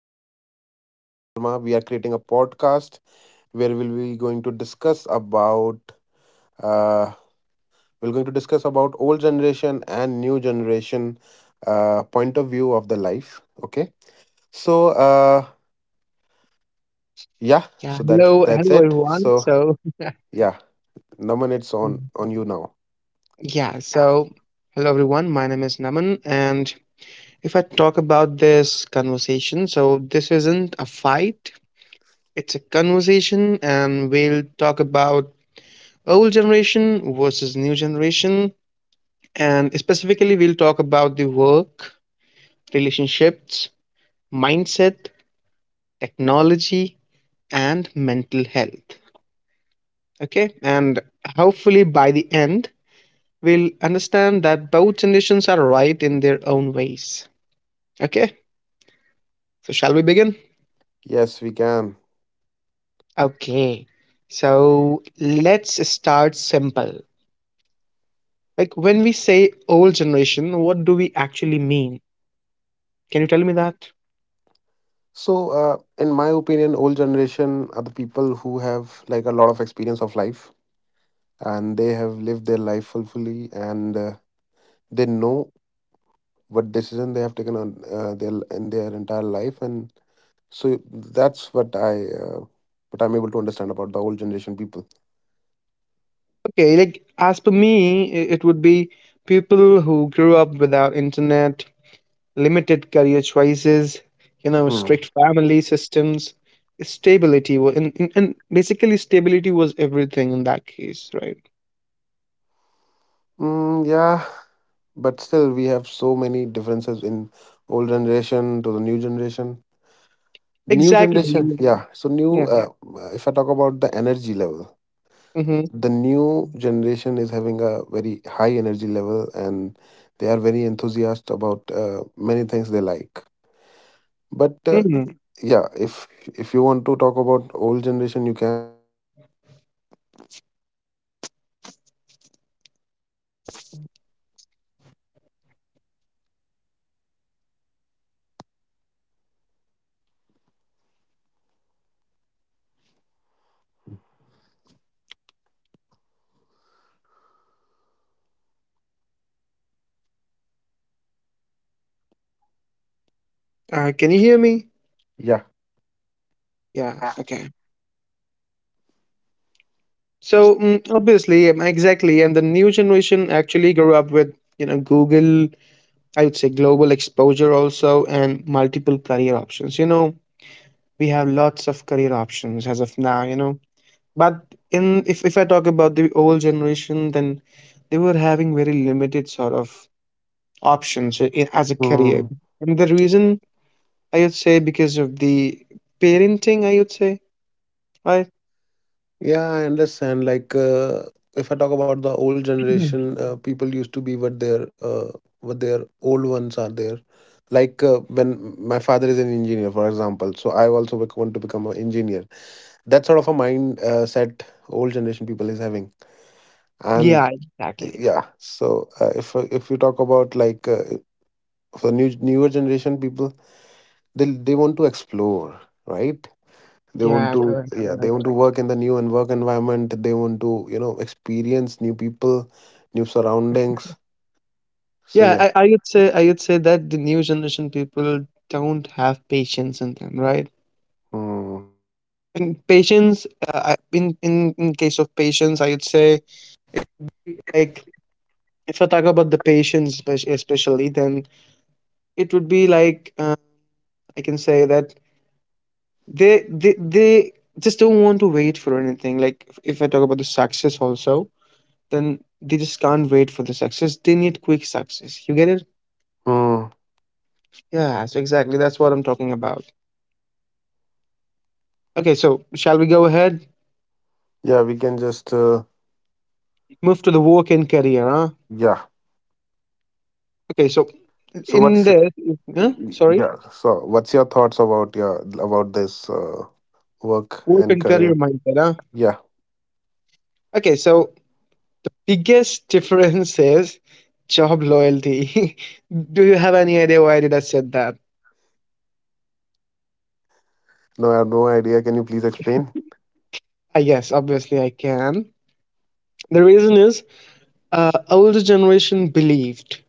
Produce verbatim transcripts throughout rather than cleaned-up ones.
Brother Naman Sharma, we are creating a podcast where we'll be going to discuss about uh, we're going to discuss about old generation and new generation uh, point of view of the life. Okay, so uh, yeah, Yeah, so that hello, that's hello it. everyone. So So, yeah, Naman, it's on mhm, on you now. yeah, so hello everyone. My name is Naman, and if I talk about this conversation, so this isn't a fight, it's a conversation, and we'll talk about old generation versus new generation, and specifically, we'll talk about the work, relationships, mindset, technology, and mental health. Okay, and hopefully by the end, we'll understand that both generations are right in their own ways. Okay, so shall we begin? Yes, we can. Okay, so let's start simple. Like when we say old generation, what do we actually mean? Can you tell me that? So, uh, in my opinion, old generation are the people who have like a lot of experience of life, and they have lived their life fully, and uh, they know what decision they have taken on uh, their in their entire life, and so that's what I uh, what I'm able to understand about the old generation people. Okay, like as per me, i- it would be people who grew up without internet, limited career choices, you know, Hmm. strict family systems, stability, wa- and, and, and basically stability was everything in that case, right? Mm, yeah, but still, we have so many differences in old generation to the new generation. New Exactly. generation, yeah. So new. Yeah. Uh, if I talk about the energy level, Mhm. the new generation is having a very high energy level, and they are very enthusiastic about uh, many things they like, but uh, Mhm. yeah, if if you want to talk about old generation, you can. Uh, can you hear me? Yeah. Yeah. Okay. So mm, obviously, um, exactly, and the new generation actually grew up with, you know, Google. I would say global exposure also, and multiple career options. You know, we have lots of career options as of now. You know, but in if if I talk about the old generation, then they were having very limited sort of options i- i- as a career, Mm. and the reason I would say because of the parenting. I would say. Right? Yeah, I understand. Like, uh, if I talk about the old Mhm. generation, uh, people used to be what their uh, what their old ones are there. Like uh, when my father is an engineer, for example, so I also bec- want to become an engineer. That sort of a mind uh, set old generation people is having. And Yeah, exactly. yeah, so uh, if uh, if you talk about like uh, for new newer generation people, they they want to explore, right? They want Yeah, to correct, yeah, yeah, they want correct. to work in the new and work environment. They want to, you know, experience new people, new surroundings. Yeah, So I, I would say I would say that the new generation people don't have patience in them, right? yeah. And patience, uh, I- in in in case of patience, I would say, like, if I talk about the patients espec- especially, then it would be like uh, I can say that they they they just don't want to wait for anything. Like if if I talk about the success also, then they just can't wait for the success. They need quick success. You get it? Mm, Yeah, so exactly. That's what I'm talking about. Okay, so shall we go ahead? yeah, we can just uh, Move to the work and career, huh? yeah. Okay, so So in what's, this, huh? Sorry, yeah? So what's your thoughts about, yeah, about this uh, work work and and career career? mindset, huh? Yeah, Okay, so biggest difference is job loyalty. Do you have any idea why did I said that? no, I have no idea. Can you please explain? I guess, obviously, I can. The reason is uh, older generation believed,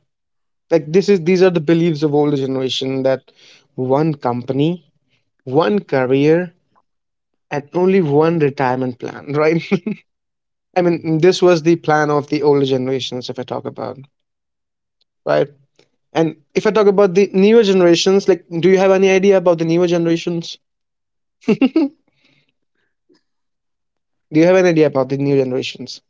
like, this is these are the beliefs of older generation that one company, one career, and only one retirement plan, right? I mean, this was the plan of the older generations, if I talk about, right? And if I talk about the newer generations, like, do you have any idea about the newer generations? Do you have any idea about the new generations?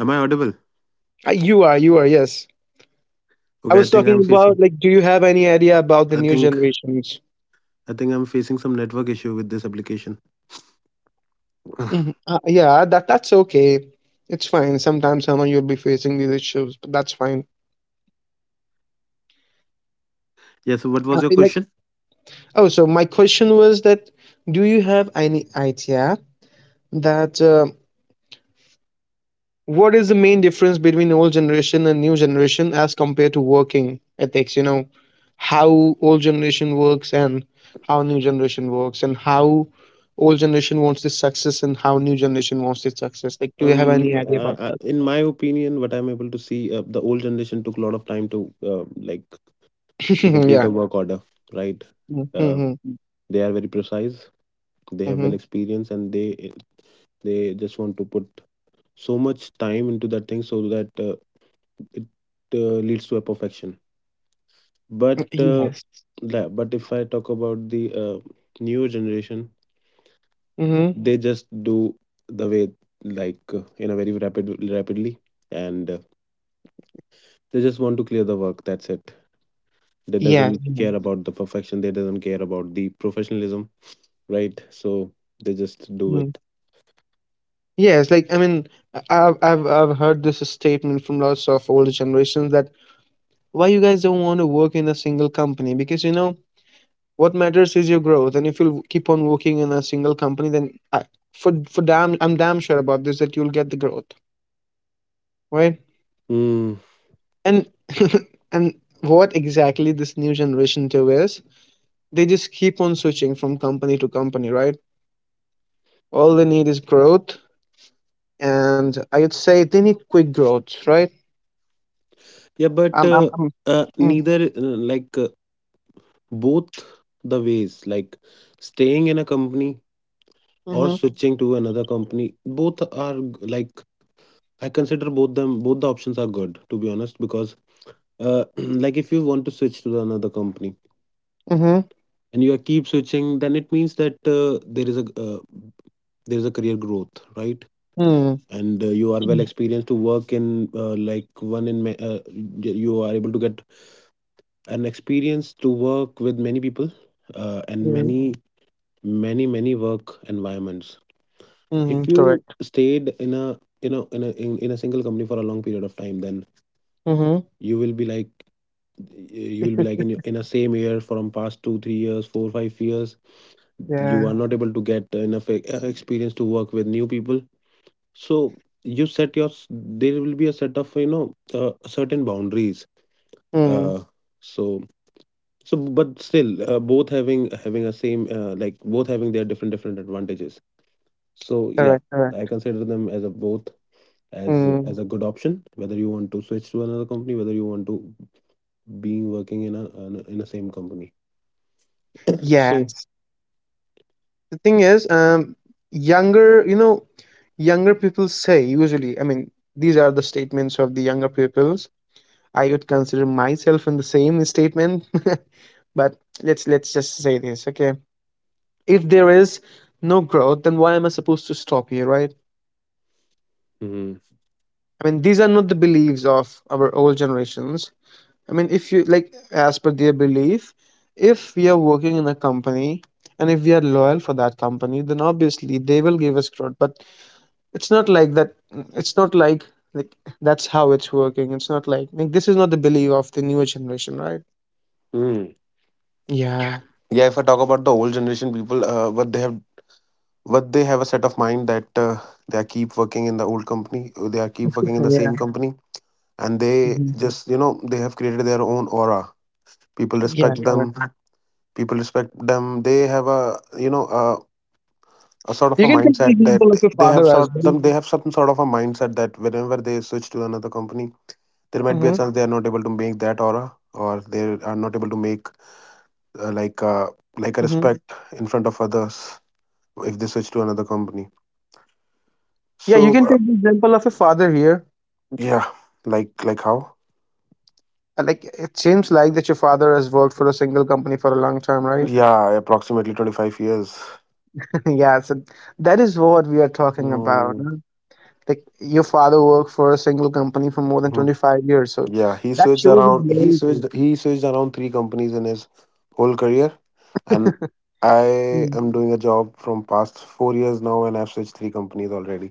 Am I audible? Uh, you are, you are, yes. I Okay, I was think talking I'm about, facing. like, do you have any idea about the I new think generations? I think I'm facing some network issue with this application. Mhm. Uh, yeah, that that's okay. It's fine. Sometimes someone you'll be facing these issues, but that's fine. Yeah. So what Uh, was your Like, question? oh, so my question was that, do you have any idea that uh, what is the main difference between old generation and new generation as compared to working ethics, you know, how old generation works, and how new generation works, and how old generation wants this success, and how new generation wants this success, like, do you have any Um, uh, idea about that? uh, in my opinion, what I'm able to see, uh, the old generation took a lot of time to uh, like to Yeah. complete a work order, right? Uh, Mm-hmm. they are very precise, they have Mm-hmm. well experience, and they they just want to put so much time into that thing so that uh, it uh, leads to a perfection, but uh, Yes. that, but if I talk about the uh, newer generation, Mm-hmm. they just do the way like uh, in a very rapid rapidly, and uh, they just want to clear the work, that's it. They Yeah, doesn't yeah. care about the perfection, they doesn't care about the professionalism, right? So they just do Mm. it. Yes, like I mean, I- I've, I've i've heard this statement from lots of older generations that why you guys don't want to work in a single company, because, you know, what matters is your growth, and if you'll keep on working in a single company, then I, for for damn, I'm damn sure about this, that you'll get the growth, right? Hmm. And and what exactly this new generation do is they just keep on switching from company to company, right? All they need is growth, and I would say they need quick growth, right? Yeah, I'm but I'm, uh, I'm uh, Mm. neither uh, like uh, both the ways, like staying in a company or Mm-hmm. switching to another company, both are g- like I consider both them both the options are good, to be honest, because uh, like if you want to switch to another company Mm-hmm. and you are keep switching, then it means that uh, there is a uh, there is a career growth, right? Mm. And uh, you are well experienced to work in uh, like one in ma- uh, y- you are able to get an experience to work with many people uh, and Yeah. many many many work environments. Mm-hmm. If you Correct. stayed in a, you know, in a in, in a single company for a long period of time, then Mm-hmm. you will be like, you will be like in, your- in a same year from past two three years four five years, you Yeah. are not able to get enough e- uh, experience to work with new people. So you set your, there will be a set of, you know, uh, certain boundaries, Mm. uh, so. So, but still, uh, both having having a same uh, like both having their different different advantages. So yeah, Correct. I Correct. consider them as a both as Mm. as a good option. Whether you want to switch to another company, whether you want to being working in a in a, in a same company. Yeah. So. The thing is, um younger, you know, younger people say usually, I mean, these are the statements of the younger peoples. I would consider myself in the same statement. But let's let's just say this. Okay, if there is no growth, then why am I supposed to stop here, right? Mm, I mean, these are not the beliefs of our old generations. I mean, if you, like, as per their belief, if we are working in a company, and if we are loyal for that company, then obviously they will give us growth, but it's not like that. It's not like, like, that's how it's working. It's not like, like, this is not the belief of the newer generation, right? mm. Yeah. Yeah, if I talk about the old generation people, uh, what they have, what they have a set of mind that uh, they are keep working in the old company, or they are keep working in the Yeah. same company, and they Mhm. just, you know, they have created their own aura. People Yeah, respect them, correct. people respect them, they have, a you know, a, a sort of You a can take the mindset that example of your they have father as sort well. them they have some sort of a mindset that whenever they switch to another company, there might be a Hmm. chance they are not able to make that aura, or they are not able to make uh, like uh, like a Hmm. respect in front of others if they switch to another company. Yeah, you So can uh, take the example of your father here. yeah, like like how. Uh, like, it seems like that your father has worked for a single company for a long time, right? Yeah, approximately twenty-five years. Yeah, so that is what we are talking about, Mm, huh? Like, your father worked for a single company for more than hmm. twenty-five years, so Yeah, he that switched shows his around. He loyalty. switched. He switched around three companies in his whole career, and I am doing a job from past four years now, and I've switched three companies already.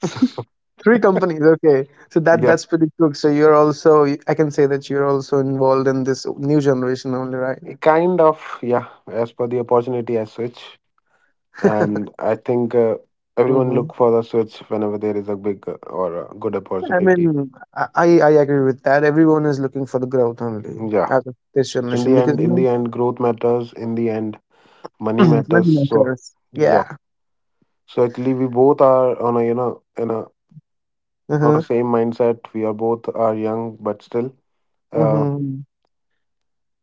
So Three companies. Okay, so that yeah, that's pretty cool. So you're also, I can say that you're also involved in this new generation only, right? kind of, yeah. As per the opportunity, I switch, and I think uh, everyone Hmm. look for the switch whenever there is a big uh, or a good I mean, opportunity. I I I agree with that. Everyone is looking for the growth only Yeah, out of this in generation, the because, end, you in know, the end, growth matters. In the end, money money matters. So makers. yeah. Yeah. So actually, we both are on a, you know, in a. Not the Mm-hmm. same mindset. We are both are young, but still, uh, Mm-hmm.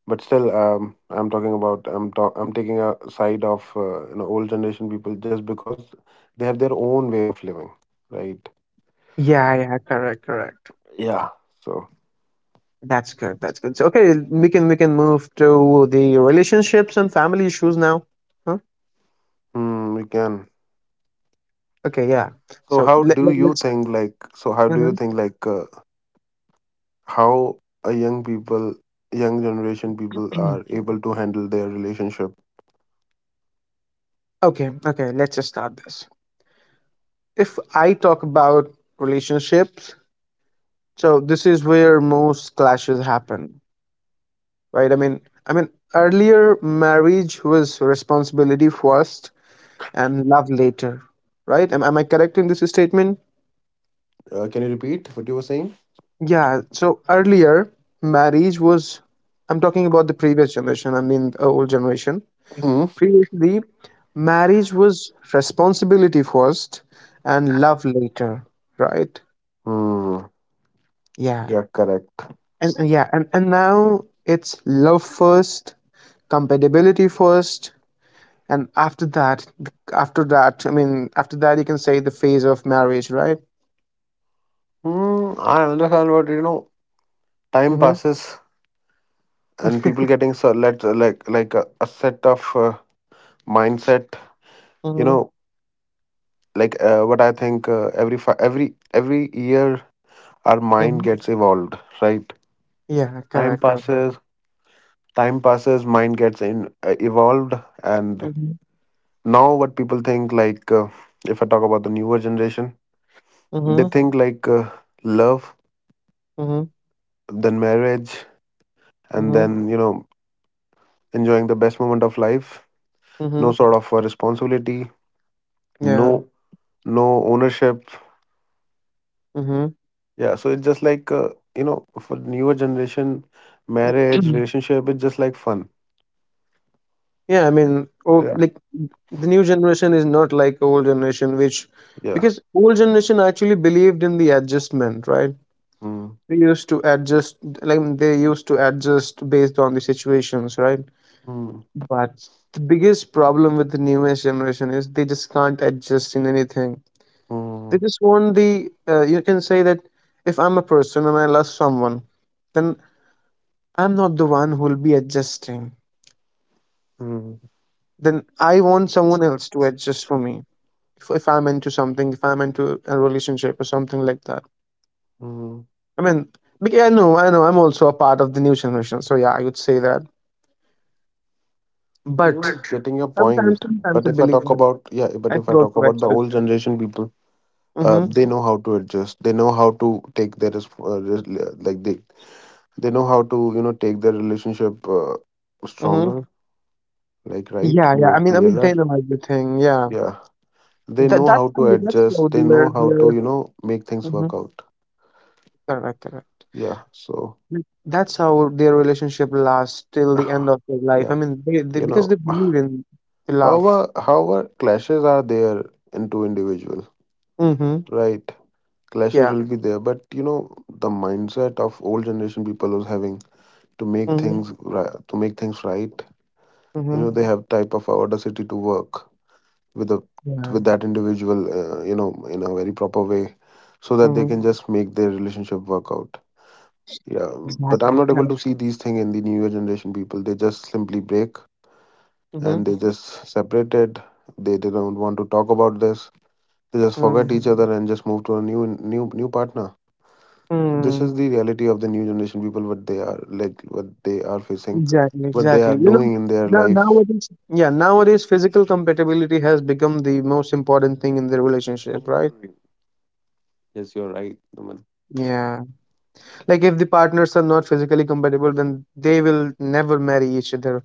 but still, um, I'm talking about I'm talk, I'm taking a side of uh, you know, old generation people just because they have their own way of living, right? Yeah. Yeah. Correct. Correct. Yeah. So That's good. That's good. So okay, we can we can move to the relationships and family issues now. Huh? hmm, we can. Okay. Yeah. So So how let, do let, you let's. think like? So how do you Mhm. think like? Uh, how a young people, young generation people are able to handle their relationship? Okay, okay, let's just start this. If I talk about relationships, so this is where most clashes happen, right? I mean, I mean, earlier marriage was responsibility first and love later, right? Am, am I correct in this statement? Uh, can you repeat what you were saying? Yeah, so earlier marriage was, I'm talking about the previous generation, I mean the old generation. Hmm. Previously, marriage was responsibility first and love later, right? Hmm. Yeah. Yeah, correct. And uh, yeah, and, and now it's love first, compatibility first, and after that, after that, I mean, after that you can say the phase of marriage, right? Hmm, I understand what you know. Time Mm-hmm. passes and people getting so let like like a, a set of uh, mindset, you Mm-hmm. know, like uh, what I think uh, every fi- every every year our mind Mm-hmm. gets evolved, right? Yeah, Time correct, correct. passes, time passes, mind gets in uh, evolved, and Mm-hmm. now what people think like uh, if I talk about the newer generation, they Mm-hmm. think like uh, love, Mm-hmm. then marriage, and Mm-hmm. then, you know, enjoying the best moment of life. No Mm-hmm. sort of uh, responsibility, Yeah. no, no ownership. Mm-hmm. Yeah, so it's just like uh, you know, for newer generation, marriage, relationship, it's just like fun. Yeah, I mean, oh, Yeah, like, the new generation is not like old generation, which, yeah. because old generation actually believed in the adjustment, right? Mm. They used to adjust, like they used to adjust based on the situations, right? Mm. But the biggest problem with the newest generation is they just can't adjust in anything. They Mm. just want the, uh, you can say that if I'm a person and I love someone, then I'm not the one who will be adjusting. Mm. Then I want someone else to adjust for me. If, if I'm into something, if I'm into a relationship or something like that. Mm. I mean, bec- I know, I know, I'm also a part of the new generation. So yeah, I would say that. You But getting your sometimes, point, sometimes but a if I talk believer. about, yeah, but I if should I talk also about the actress. old generation people, uh, Mm-hmm. they know how to adjust. They know how to take their resp- uh, res- yeah, like they they know how to, you know, take their relationship uh, Mm-hmm. stronger, like right, Yeah, yeah. more I mean, I mean, clearer. they know everything. Yeah. Yeah, they That know that's how how to that's how adjust, they know their how their. to, you know, make things Mm-hmm. work out. Correct, correct. Yeah, so Like, that's how their relationship lasts till the end of their life. I yeah, mean, they, they you because they know. believe in the love. However, however clashes are there in two individuals, Mm-hmm. right? Clashes Yeah. will be there, but you know, the mindset of old generation people is having to make Mm-hmm. things ri- to make things right. You Mm-hmm. know, they have type of audacity to work with a Yeah. with that individual, uh, you know, in a very proper way so that they Mm-hmm. can just make their relationship work out. Yeah, but I'm Exactly. not able Correct. to see these things in the newer generation people. They just simply break, Mm-hmm. and they just separated. they, they don't want to talk about this, they just forget each other and just move to a new new new partner. So this Mm-hmm. is the reality of the new generation people, what they are like, what they are facing, Exactly, what they are exactly. You know, doing in their now life. nowadays, yeah, nowadays physical compatibility has become the most important thing in the relationship, right? Mm. Yes, you're right, Naman. Yeah. Like, if the partners are not physically compatible, then they will never marry each other.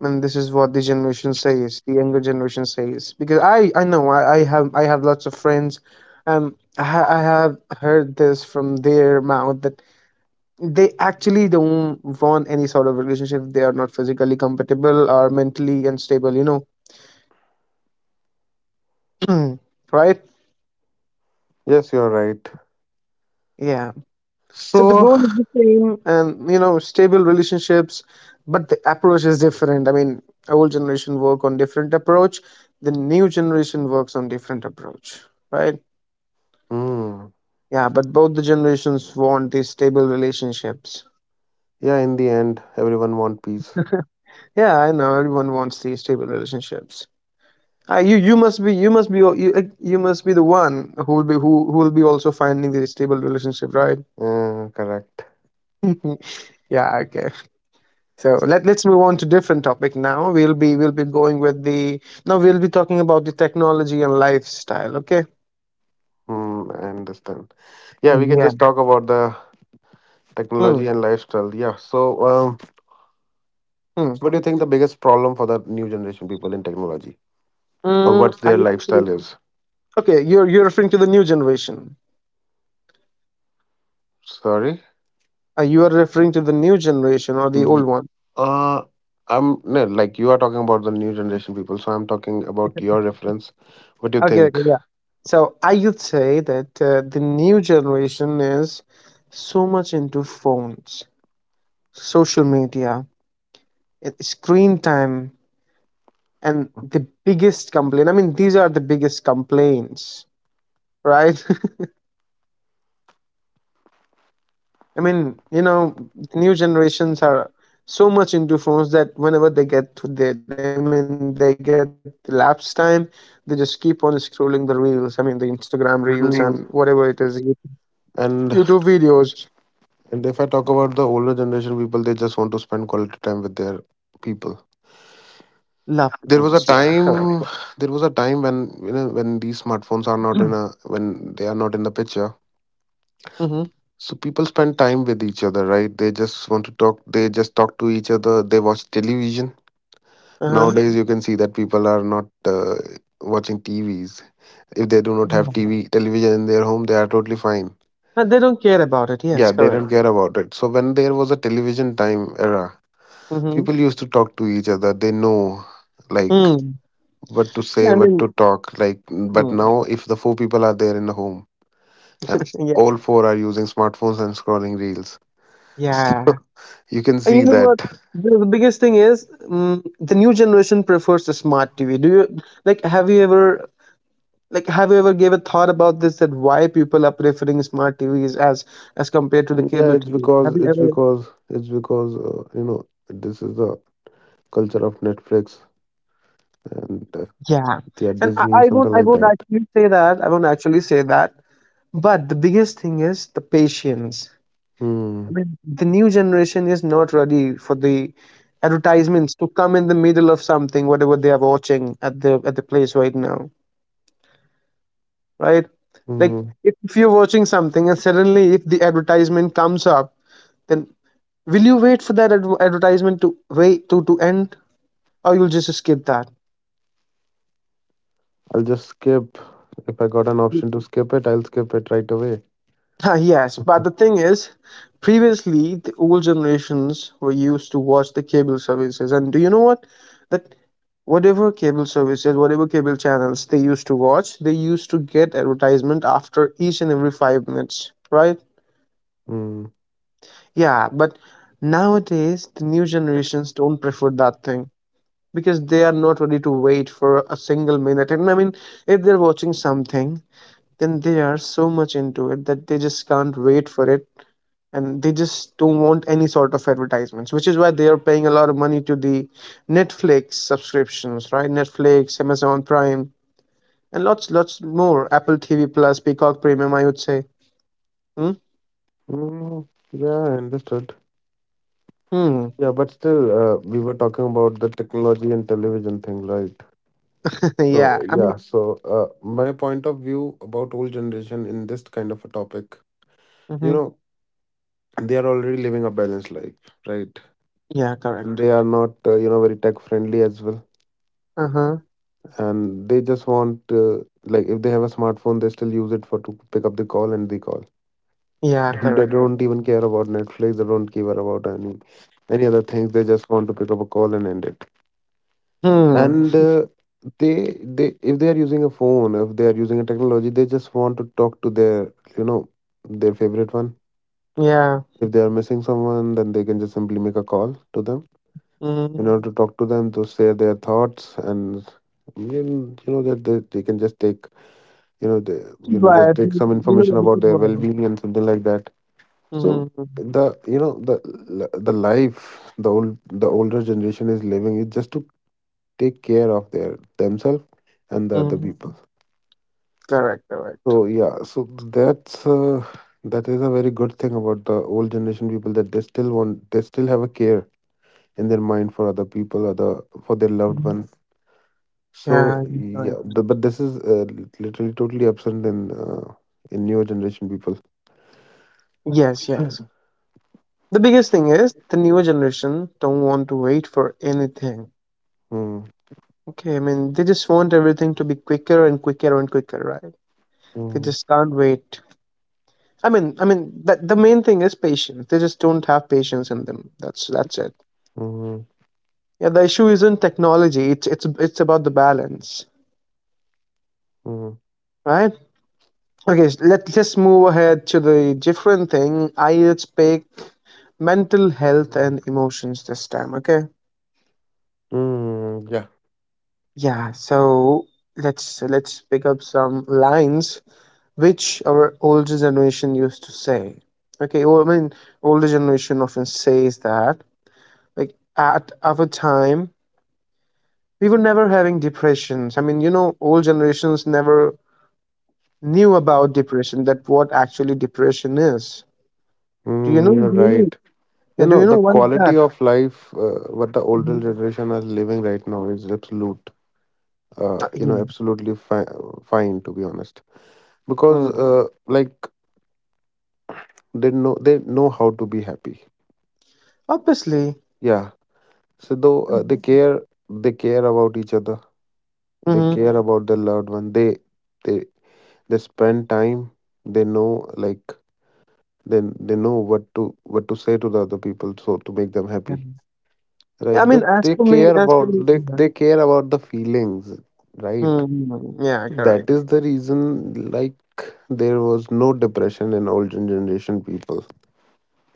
And this is what the generation says, the younger generation says. Because I, I know, I, I have, I have lots of friends. Um, I, ha- I have heard this from their mouth that they actually don't want any sort of relationship. They are not physically compatible or mentally unstable. You know, mm, right? Yes, you're right. Yeah. So the So goal is the same, and, you know, stable relationships, but the approach is different. I mean, old generation work on different approach, the new generation works on different approach, right? hmm, Yeah, but both the generations want these stable relationships. yeah, in the end, everyone want peace. Yeah, I know everyone wants these stable relationships. Uh, you you must be you must be you, like, you must be the one who will be who, who will be also finding the stable relationship, right? Uh, correct. Yeah, okay. So let, let's move on to different topic now. We'll be we'll be going with the, now we'll be talking about the technology and lifestyle. Okay. Hmm, I understand. Yeah, we can Yeah. just talk about the technology Hmm. and lifestyle. Yeah. So, um, Hmm. what do you think the biggest problem for the new generation people in technology, or Mm, what their I see. lifestyle is? Okay. You're you're referring to the new generation. Sorry. Uh, you are referring to the new generation or the Y- old one. Uh, I'm no, like, you are talking about the new generation people, so I'm talking about your reference. What do you Okay. think? Okay. Yeah. So I would say that uh, the new generation is so much into phones, social media, uh, screen time, and the biggest complaint. I mean, these are the biggest complaints, right? I mean, you know, New generations are so much into phones that whenever they get to their, I mean, they get the lapse time, they just keep on scrolling the reels. I mean, the Instagram reels and whatever it is, Mm. YouTube videos, And and if I talk about the older generation people, they just want to spend quality time with their people. love the phones. Yeah, There was a correct. time, there was a time when, you know, when these smartphones are not in a when they are not in the picture. Mm-hmm. So people spend time with each other, right? They just want to talk. They just talk to each other. They watch television. Uh-huh. Nowadays, you can see that people are not uh, watching T Vs. If they do not have Mhm. T V television in their home, they are totally fine. And they don't care about it. Yes, Yeah, they correct. don't care about it. So when there was a television time era, Mm-hmm. people used to talk to each other. They know, like, Mm. what to Yeah, say, I what mean, to talk. Like, but mm. now if the four people are there in the home and yeah, all four are using smartphones and scrolling reels, so yeah. you can And you see know what? that. The, the biggest thing is mm the new generation prefers the smart T V. Do you like? Have you ever like? Have you ever gave a thought about this? That why people are preferring smart T Vs as as compared to the Yeah, cable it's T V? Have because you it's ever? because it's because uh, you know, this is the culture of Netflix and uh, Yeah, yeah, and I, Disney, I won't. something I like won't that. actually say that. I won't actually say that. But the biggest thing is the patience. I Hmm. mean, the new generation is not ready for the advertisements to come in the middle of something, whatever they are watching at the at the place right now, right? Like Hmm. if if you're watching something and suddenly if the advertisement comes up, then will you wait for that adver- advertisement to wait to to end, or you'll just skip that? I'll just skip. If I got an option to skip it, I'll skip it right away. Ah, yes, but the thing is, previously the old generations were used to watch the cable services, and do you know what? That whatever cable services, whatever cable channels they used to watch, they used to get advertisement after each and every five minutes, right? Hmm. Yeah, but nowadays the new generations don't prefer that thing because they are not ready to wait for a single minute. And I mean, if they're watching something, then they are so much into it that they just can't wait for it and they just don't want any sort of advertisements, which is why they are paying a lot of money to the Netflix subscriptions, right? Netflix, Amazon Prime, and lots, lots more. Apple T V Plus, Peacock Premium, I would say. Hmm? Hmm. Yeah, I understood. Hmm. Yeah, but still, uh, we were talking about the technology and television thing, right? yeah, So I mean, yeah, so uh, my point of view about old generation in this kind of a topic, you mhm. know, they are already living a balanced life, right? Yeah, And correct. they are not, uh, you know, very tech friendly as well, Uh-huh. and they just want, uh, like, if they have a smartphone, they still use it for to pick up the call and the call. Yeah, They correct, don't correct. even care about Netflix, they don't care about any any other things. They just want to pick up a call and end it. Hmm. And uh, they they, if they are using a phone, if they are using a technology, they just want to talk to their, you know, their favorite one. Yeah. If they are missing someone, then they can just simply make a call to them, Hmm. you know, to talk to them, to share their thoughts. And I mean, you know that they, they can just take, you know, they, Which is you know, why I just take think, some you know, information which about is their why. well-being and something like that. So Hmm. the, you know, the the life the old the older generation is living is just to take care of their themselves and the other Hmm. people. Correct. So Correct. yeah, so that's, uh, that is a very good thing about the old generation people, that they still want, they still have a care in their mind for other people, other, for their loved Hmm. one. So Yeah, that's yeah, correct. the, but this is uh, literally totally absent in uh, in newer generation people. Yes. Yes. The biggest thing is the newer generation don't want to wait for anything. Mm. Okay. I mean, they just want everything to be quicker and quicker and quicker, right? They Mm. just can't wait. I mean, I mean, that the main thing is patience. They just don't have patience in them. That's that's it. Mm. Yeah, the issue isn't technology. It's it's it's about the balance, Mm. right? Okay, s- let, let's move ahead to the different thing. I Let's pick mental health and emotions this time. Okay. Mm. Yeah. Yeah. So let's let's pick up some lines which our older generation used to say. Okay. Well, I mean, older generation often says that like at our time we were never having depressions. I mean, you know, old generations never knew about depression. That what actually depression is. Do you Mm. know? You're Do you know? right. You Yeah. Do know, you the know why is quality that? of life, uh, what the older Mhm. generation are living right now, is absolute. Uh, Ta You know, Yeah. absolutely fi- fine, to be honest, because, Mm. uh, like, they know they know how to be happy. Obviously. Yeah, so though, uh, Mm. they care, they care about each other. They Mhm. care about their loved one. They they they spend time, they know, like, then they know what to what to say to the other people so to make them Yeah. happy, Yeah, I right? they, mean, as they for me care as for about me, they, yeah. they care about the feelings, right? Mhm. Yeah, correct. That is the reason, like, there was no depression in older generation people.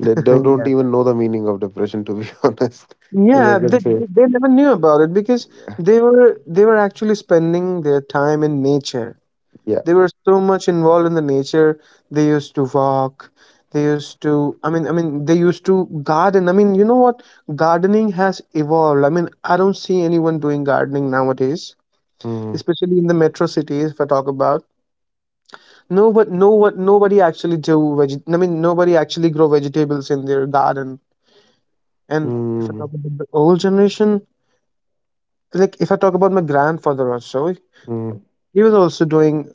They, they Yeah. don't even know the meaning of depression, to be honest, if I Yeah, they can say. they they never knew about it because Yeah. they were they were actually spending their time in nature. Yeah. They were so much involved in the nature. They used to walk. They used to, I mean, I mean, they used to garden. I mean, you know what? Gardening has evolved. I mean, I don't see anyone doing gardening nowadays, Mm. especially in the metro cities, if I talk about. No, but no, what Nobody actually do veg. I mean, nobody actually grow vegetables in their garden. And if I talk Mm. about the old generation, like if I talk about my grandfather or so, Mm. he was also doing.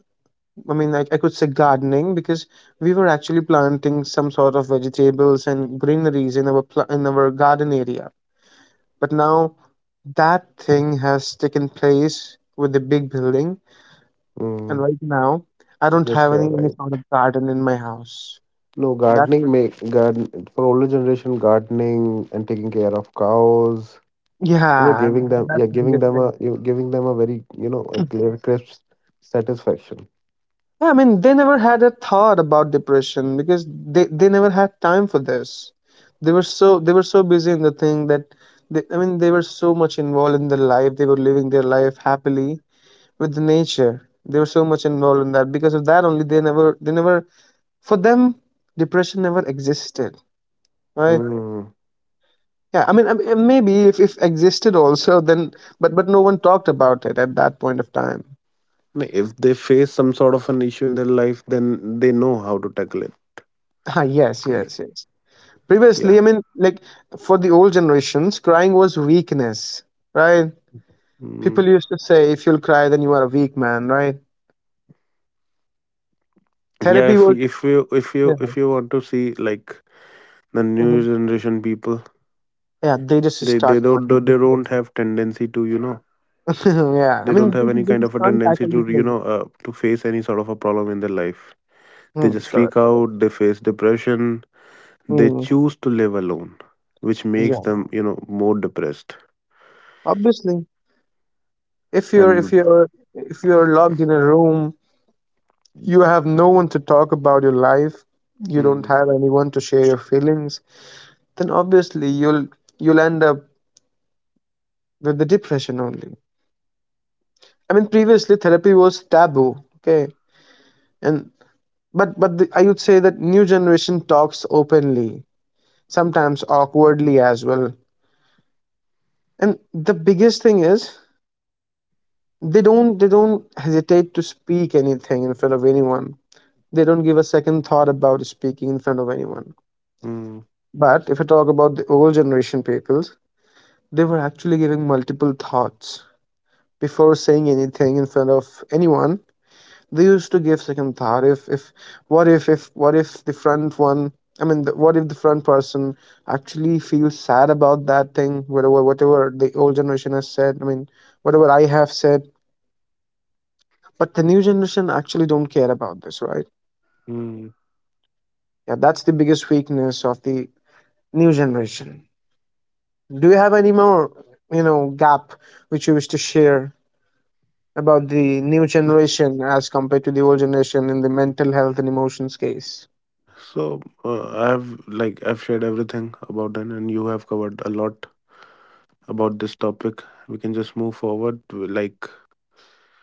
I mean, I, I could say gardening because we were actually planting some sort of vegetables and greeneries in our pl- in our garden area. But now that thing has taken place with the big building, and Mm. right now I don't Yes, have any you're any right. sort of garden in my house. No, So that. gardening, make garden for older generation, gardening and taking care of cows, you know, Ah, Yeah, and giving them that's yeah, the giving biggest them thing. a you giving them a, very, you know, a clear, crisp satisfaction. Yeah, I mean, they never had a thought about depression because they, they never had time for this. They were so they were so busy in the thing that they, I mean, they were so much involved in their life. They were living their life happily with the nature. They were so much involved in that because of that only they never they never for them depression never existed, right? Mm. Yeah, I mean, I mean maybe if if existed also then but but no one talked about it at that point of time. No. If they face some sort of an issue in their life, then they know how to tackle it. Ah, yes, yes, yes. Yeah. Previously i mean like for the old generations, crying was weakness, right? Mm. People used to say if you'll cry then you are a weak man, right? Yeah. Therapy If was if you if you yeah, If you want to see, like, the new hmm. generation people, Yeah, they just they start they don't crying. they don't have tendency to, you know. yeah They I don't mean have they, any they kind just of a can't tendency tackle the to, you thing. know, uh, to face any sort of a problem in their life. They Hmm, just correct, freak correct. out, they face depression, they Mm, choose to live alone, which makes yeah, them, you know, more depressed. obviously if you're if And. you're if you're locked in a room, you have no one to talk about your life, you don't Hmm. have anyone to share your feelings, then obviously you'll you'll end up with the depression only. I mean, previously therapy was taboo, okay, and but but the, I would say that new generation talks openly, sometimes awkwardly as well. And the biggest thing is they don't they don't hesitate to speak anything in front of anyone. They don't give a second thought about speaking in front of anyone. Hmm. But if I talk about the old generation peoples, they were actually giving multiple thoughts before saying anything in front of anyone. They used to give second thought, if if what if if what if the front one I mean the, what if the front person actually feels sad about that thing, whatever whatever the old generation has said, I mean whatever I have said. But the new generation actually don't care about this, right? Hmm. Yeah, that's the biggest weakness of the new generation. Do you have any more, you know, gap which you wish to share about the new generation as compared to the old generation in the mental health and emotions case? So uh, I've like I've shared everything about that, and you have covered a lot about this topic. We can just move forward to, like,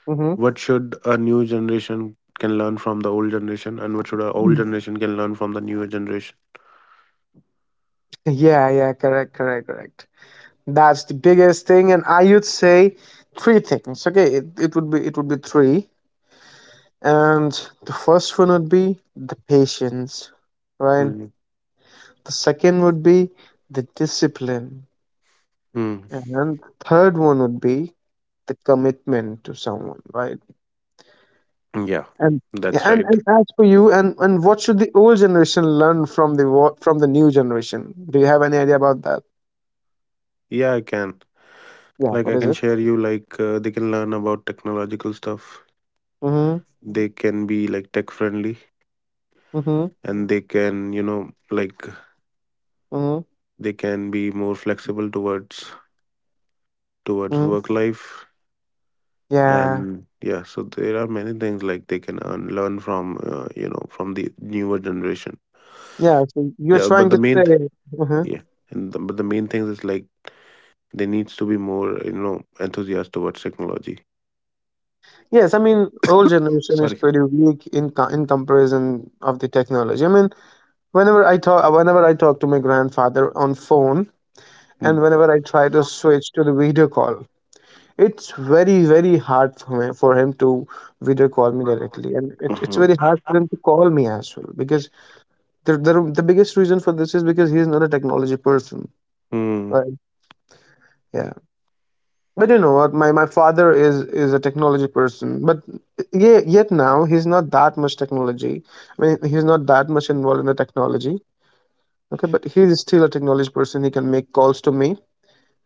Mm-hmm. what should a new generation can learn from the old generation, and what should our old generation can learn from the newer generation? Yeah, yeah, correct, correct, correct. That's the biggest thing, and I would say three things. Okay, it, it would be it would be three, and the first one would be the patience, right? Hmm. The second would be the discipline, Mm, and third one would be the commitment to someone, right? yeah, And that's right. and, and as for you, and and what should the old generation learn from the wo- from the new generation? Do you have any idea about that? Yeah, I can. Like, Yeah, I what can is it? share you, like, uh, they can learn about technological stuff. Mm-hmm. They can be, like, tech friendly, Mm-hmm. and they can, you know, like, Mm-hmm. Mm-hmm. they can be more flexible towards towards work life. Yeah, And yeah, so there are many things, like they can earn, learn from, uh, you know, from the newer generation. yeah. So you're Yeah, but trying the to main, th- say, mhm. yeah, and the, but the main thing is, like, they needs to be more, you know, enthusiastic towards technology. Yes, I mean, old generation is Sorry. pretty weak in co- in comparison of the technology. I mean, whenever I talk, whenever I talk to my grandfather on phone, and Mm. whenever I try to switch to the video call, it's very very hard for me for him to video call me directly, and it, it's very hard for him to call me as well because the, the the biggest reason for this is because he is not a technology person, Hmm. right? Yeah. But you know what? My my father is is a technology person, but yeah, yet now he's not that much technology. I mean, he's not that much involved in the technology. Okay, but he's still a technology person. He can make calls to me,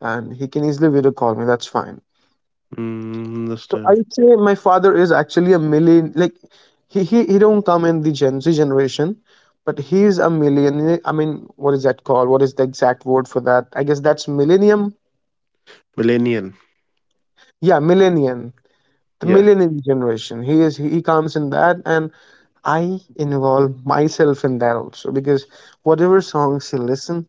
and he can easily video call me. That's fine. Mm, So I understand. would say my father is actually a million. Like he he he don't come in the Gen Z generation, but he's a million. I mean, what is that called? What is the exact word for that? I guess that's millennium. Millennial. Yeah, millennium. The Yeah. millennial generation he is, he, he comes in that. And I involve myself in that also because whatever songs he listen,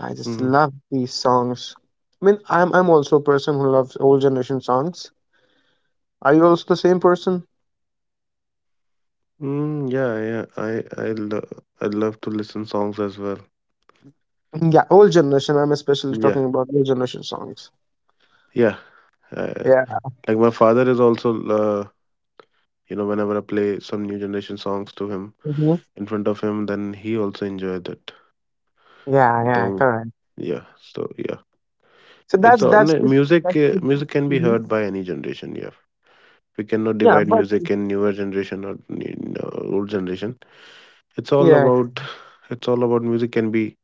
I just Mm. love these songs. I mean, i'm I'm also a person who loves old generation songs. Are you also the same person? Mm. Yeah, yeah. I I lo- I love to listen songs as well. Mm, yeah, old generation. I'm especially Yeah, talking about old generation songs. yeah. Uh, Yeah. like, my father is also, uh, you know, whenever I play some new generation songs to him, Hmm. in front of him, then he also enjoyed it. Yeah, yeah, Though, correct. yeah. So yeah, So it's that's all, that's no, the- music. that's Uh, the- Music can be mhm. heard by any generation. Yeah, we cannot Yeah divide but music in newer generation or, you know, old generation. It's all yeah about it's all about music can be,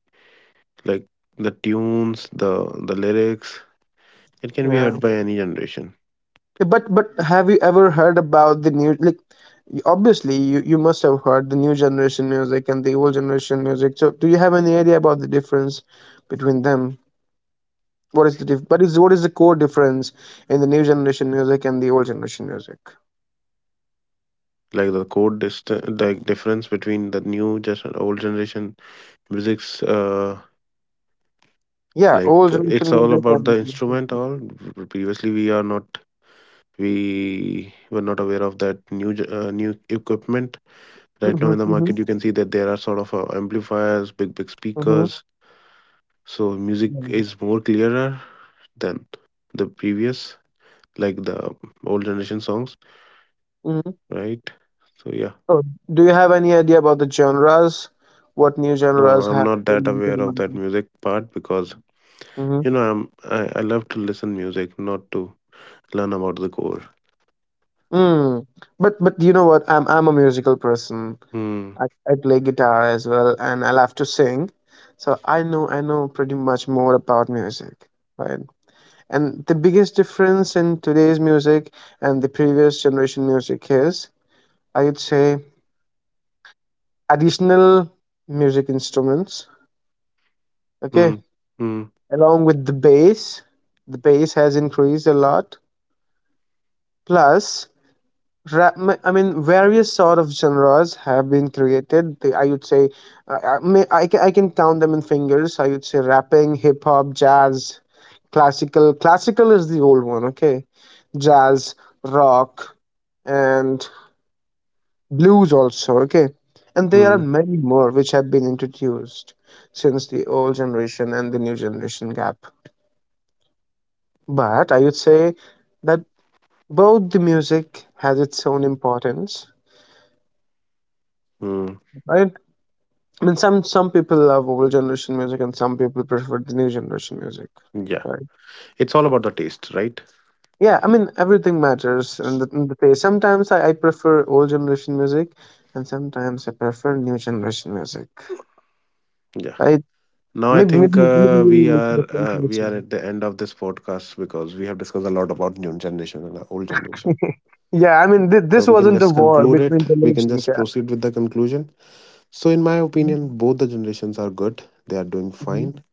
like, the tunes, the the lyrics. It can be yeah. heard by any generation. Yeah, But but have you ever heard about the new like y- obviously you, you must have heard the new generation music and the old generation music. So do you have any idea about the difference between them? What is the diff what is what is the core difference in the new generation music and the old generation music? Like the code dist- like difference between the new just and old generation music's, uh Yeah, like, old uh, it's generation all music about the and instrument, all. Previously we are not we were not aware of that new ge- uh, new equipment. Right now mhm, in the mhm, market you can see that there are sort of, uh, amplifiers, big, big mhm. speakers. So music Yeah. is more clearer than the previous, like, the old generation songs, Mhm. right? So yeah, Oh, do you have any idea about the genres? What new no, no, genres I'm have not that been into aware the of that market? music part because, Mm-hmm. you know, I'm I, I love to listen music, not to learn about the core. Mm. But but you know what? I'm I'm a musical person. Hmm. I, I play guitar as well, and I love to sing. So I know I know pretty much more about music, right? And the biggest difference in today's music and the previous generation music is, I would say, additional music instruments. Okay, Hmm. Hmm. along with the bass, the bass has increased a lot. Plus, Ra- m- I mean, various sort of genres have been created. They, I would say, uh, I, may- I can I can count them in fingers. I would say rapping, hip hop, jazz, classical. Classical is the old one, okay? Jazz, rock, and blues also, okay? And there are Hmm. many more which have been introduced since the old generation and the new generation gap. But I would say that both the music has its own importance. Hmm. I I mean, some some people love old generation music, and some people prefer the new generation music. Yeah, Right? it's all about the taste, right? Yeah, I mean, everything matters in the, in the taste. Sometimes I, I prefer old generation music, and sometimes I prefer new generation music. Yeah. I Now I Maybe think maybe maybe uh, you we listen to are the same uh, we are person. at the end of this podcast, because we have discussed a lot about new generation and, uh, old generation. yeah, I mean, th- So this we can wasn't a just war conclude it. between We can generations. just Yeah. proceed with the conclusion. So, in my opinion, both the generations are good. They are doing Hmm. fine.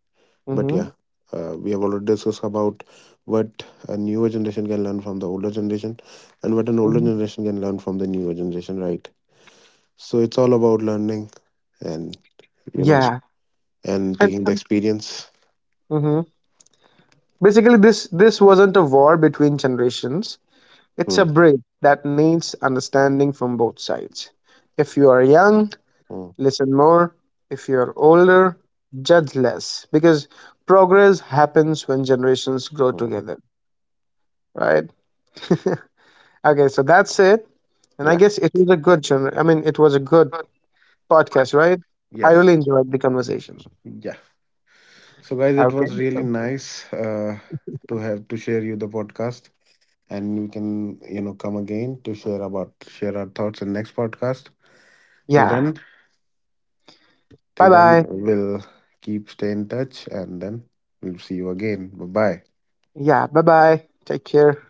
But Hmm. yeah, uh, we have already discussed about what a newer generation can learn from the older generation, and what an older Hmm. generation can learn from the newer generation, right? So it's all about learning and, you know. Yeah, Yeah, and and. taking the experience. Hmm. Basically, this this wasn't a war between generations. It's a Hmm. bridge that needs understanding from both sides. If you are young, Hmm. listen more. If you are older, judge less. Because progress happens when generations grow Hmm. together, right? okay, so that's it. And I Yeah. guess it was a good gener- I mean, it was a good podcast, right? I Yes. really enjoyed the conversation. Yeah. So guys, it Okay. was really So, nice, uh, to have to share you the podcast, and we can, you know, come again to share about, share our thoughts in next podcast. Till yeah. then, Bye till then bye. we'll keep stay in touch, and then we'll see you again. Bye bye. Yeah. Bye bye. Take care.